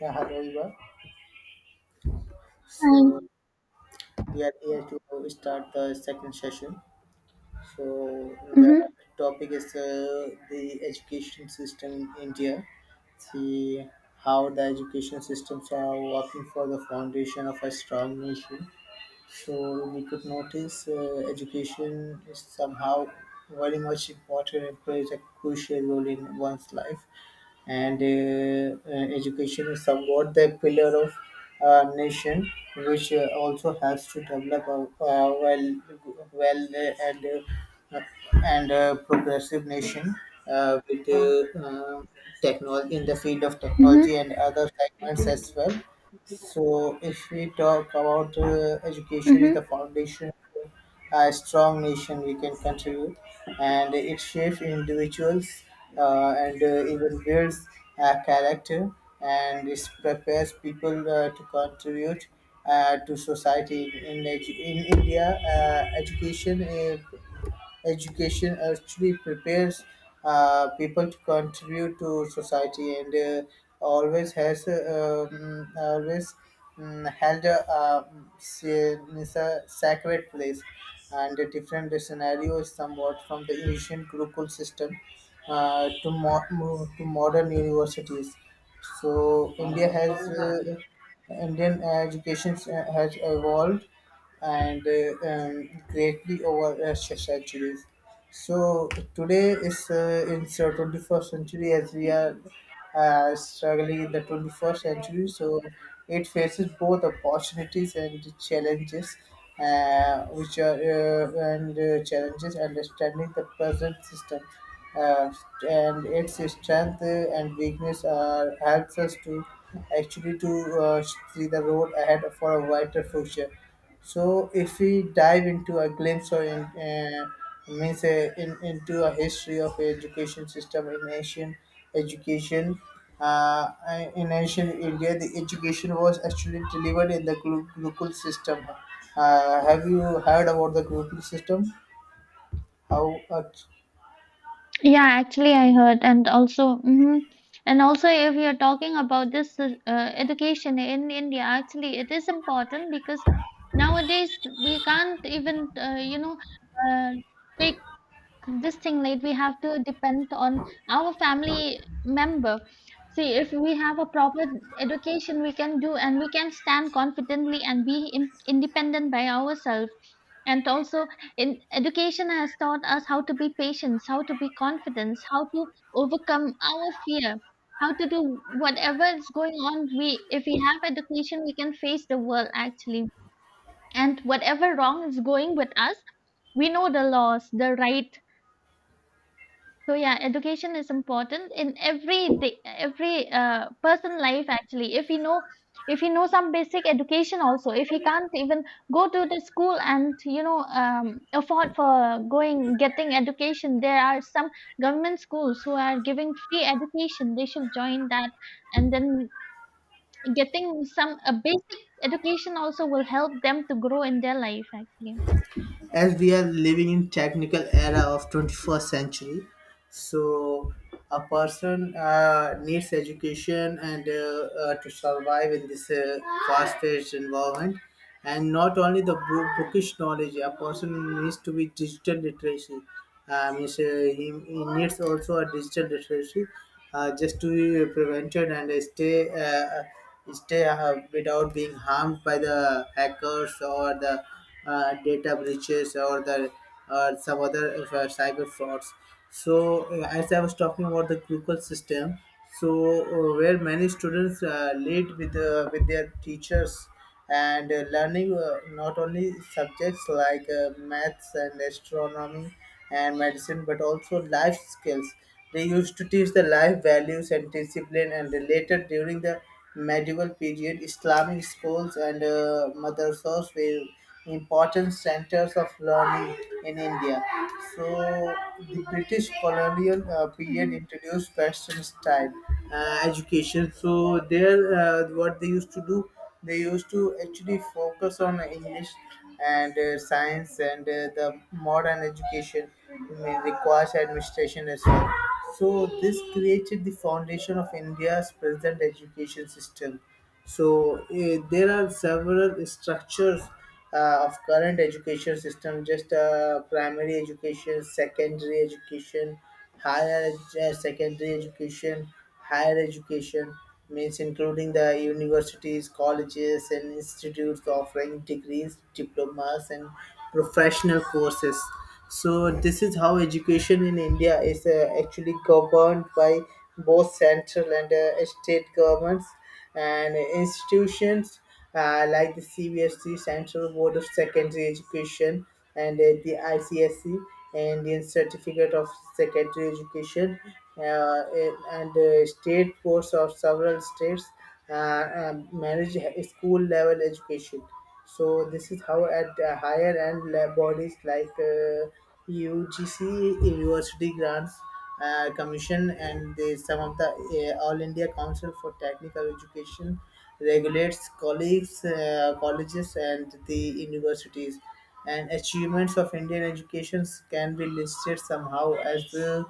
Yeah, hello everyone. I So we are here to start the second session. So the Mhm, topic is the education system in India. See how the education systems are working for the foundation of a strong nation. So we could notice education is somehow very much important and plays a crucial role in one's life. And Education is somewhat the pillar of a nation, which also has to develop a well, well and a progressive nation with technology in the field of mhm, technology and other segments as well. So, if we talk about education is the mhm. foundation a strong nation we can contribute, and it shapes individuals and even builds a character, and it prepares people to contribute to society in, in india education education actually prepares people to contribute to society, and always has always held a, say, is a sacred place, and a different scenario is somewhat from the ancient Gurukul system, to modern universities. So India has Indian education has evolved and greatly over centuries. So today is in the 21st century, as we are struggling in the 21st century. So it faces both opportunities and challenges, which are and challenges understanding the present system. Uh, and its strength and weakness are helps us to actually to uh, see the road ahead for a brighter future. So if we dive into a glimpse or in, uh, means in, into a history of education system in Asian education, uh, in Asian India, the education was actually delivered in the Gurukul system. Have you heard about the Gurukul system? How? Yeah, actually, I heard, and also, and also, if you're talking about this education in India, actually, it is important because nowadays we can't even, uh, take this thing, like we have to depend on our family member. See, if we have a proper education, we can do and we can stand confidently and be independent by ourselves. And also in education has taught us how to be patient, how to be confident, how to overcome our fear, how to do whatever is going on. We If we have education, we can face the world, actually, and whatever wrong is going with us, we know the laws, the right. So yeah, education is important in every day, every person life, actually. If he know, some basic education also, if he can't even go to the school and afford for going getting education, there are some government schools who are giving free education. They should join that, and then getting some a basic education also will help them to grow in their life, actually. As we are living in technical era of 21st century, so a person needs education and to survive in this fast-paced environment, and not only the book, bookish knowledge, a person needs to be digital literacy. Means, he, needs also a digital literacy just to be prevented and stay without being harmed by the hackers or the data breaches or the some other cyber frauds. So as I was talking about the Google system, so where many students lead with their teachers and learning not only subjects like maths and astronomy and medicine, but also life skills. They used to teach the life values and discipline, and related during the medieval period, Islamic schools and madrasas were important centers of learning in India. So, the British colonial period Hmm. introduced Western style education. So, there, what they used to do. They used to actually focus on English and science and the modern education may requires administration as well. So this created the foundation of India's present education system. So there are several structures of current education system, just primary education, secondary education, secondary education, higher education, means including the universities, colleges and institutes offering degrees, diplomas and professional courses. So this is how education in india is actually governed by both central and state governments and institutions like the CBSE, Central Board of Secondary Education, and the ICSE, Indian Certificate of Secondary Education, uh, and state boards of several states uh, manage school level education. So this is how at higher end lab bodies like UGC, University grants commission, and the, some of the All India Council for Technical Education regulates colleges and the universities, and achievements of Indian education can be listed somehow as uh,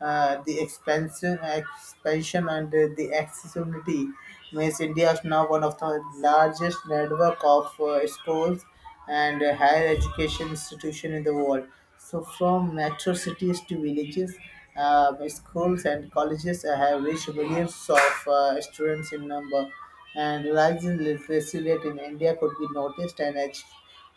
uh, the expansion, and the accessibility. Means India is now one of the largest network of schools and higher education institution in the world. So from metro cities to villages, schools and colleges have reached millions of students in number. And rising literacy rate in India could be noticed, and achieved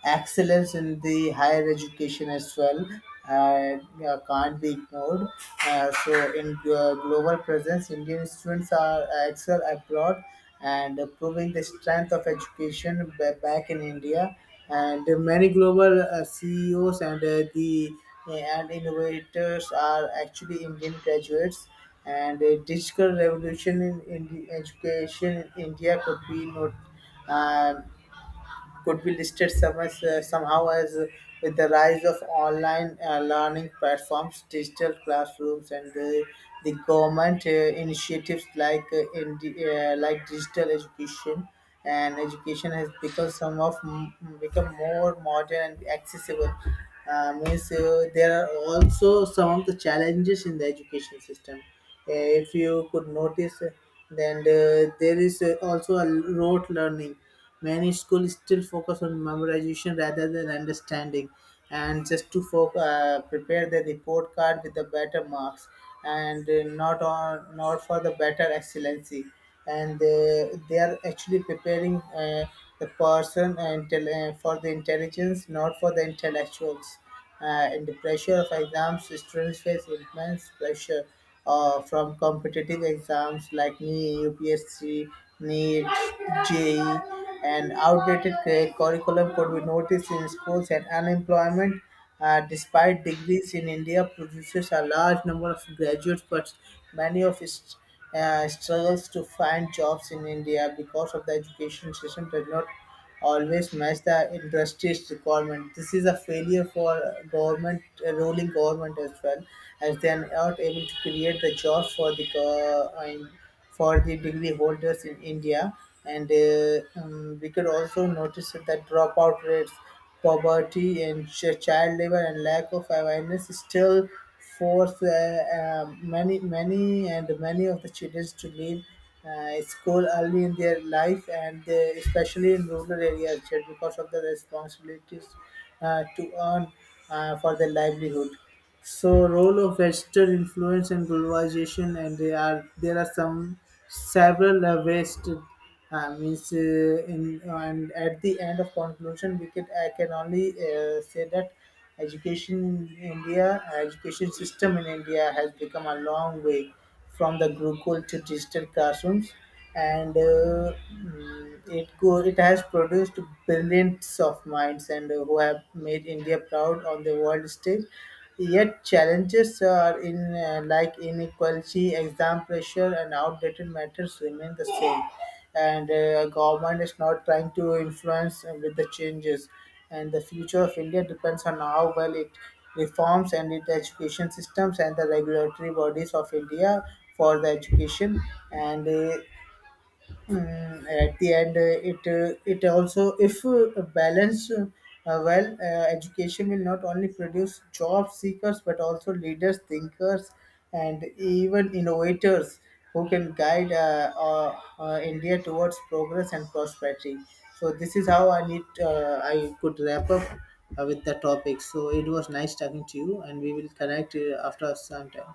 excellence in the higher education as well uh, can't be ignored. So, in global presence, Indian students are excel abroad and proving the strength of education back in India. And many global CEOs and the and innovators are actually Indian graduates. And a digital revolution in education in India could be not, uh, could be listed some as, somehow as with the rise of online learning platforms, digital classrooms, and the government initiatives like like digital education, and education has become become more modern and accessible. Means there are also some of the challenges in the education system. If you could notice, then there is also a rote learning. Many schools still focus on memorization rather than understanding, and just to prepare the report card with the better marks, and not on not for the better excellency. And they are actually preparing the person and for the intelligence, not for the intellectuals and the pressure of exams, students face immense pressure from competitive exams like NEET, UPSC, NEET, JEE, and outdated curriculum could be noticed in schools and unemployment. Despite degrees in India produces a large number of graduates, but many of its struggles to find jobs in India because of the education system does not always match the industry's requirement. This is a failure for government, a ruling government as well, as they are not able to create the job for the I mean, for the degree holders in India. And we could also notice that dropout rates, poverty, and child labor and lack of awareness is still force many, many and many of the children to leave school early in their life, and they, especially in rural areas, just because of the responsibilities to earn for their livelihood. So role of Western influence and globalization, and there are some several ways to means in and at the end of conclusion, we can, I can only say that education in India, education system in India has become a long way from the Gurukul to digital classrooms, and it has produced brilliance of minds and who have made India proud on the world stage. Yet challenges are in like inequality, exam pressure, and outdated matters remain the same. And government is not trying to influence with the changes, and the future of India depends on how well it reforms and its education systems and the regulatory bodies of India for the education and Mm, at the end, it also, if balanced well, education will not only produce job seekers but also leaders, thinkers, and even innovators who can guide India towards progress and prosperity. So this is how I could wrap up with the topic. So it was nice talking to you, and we will connect after some time.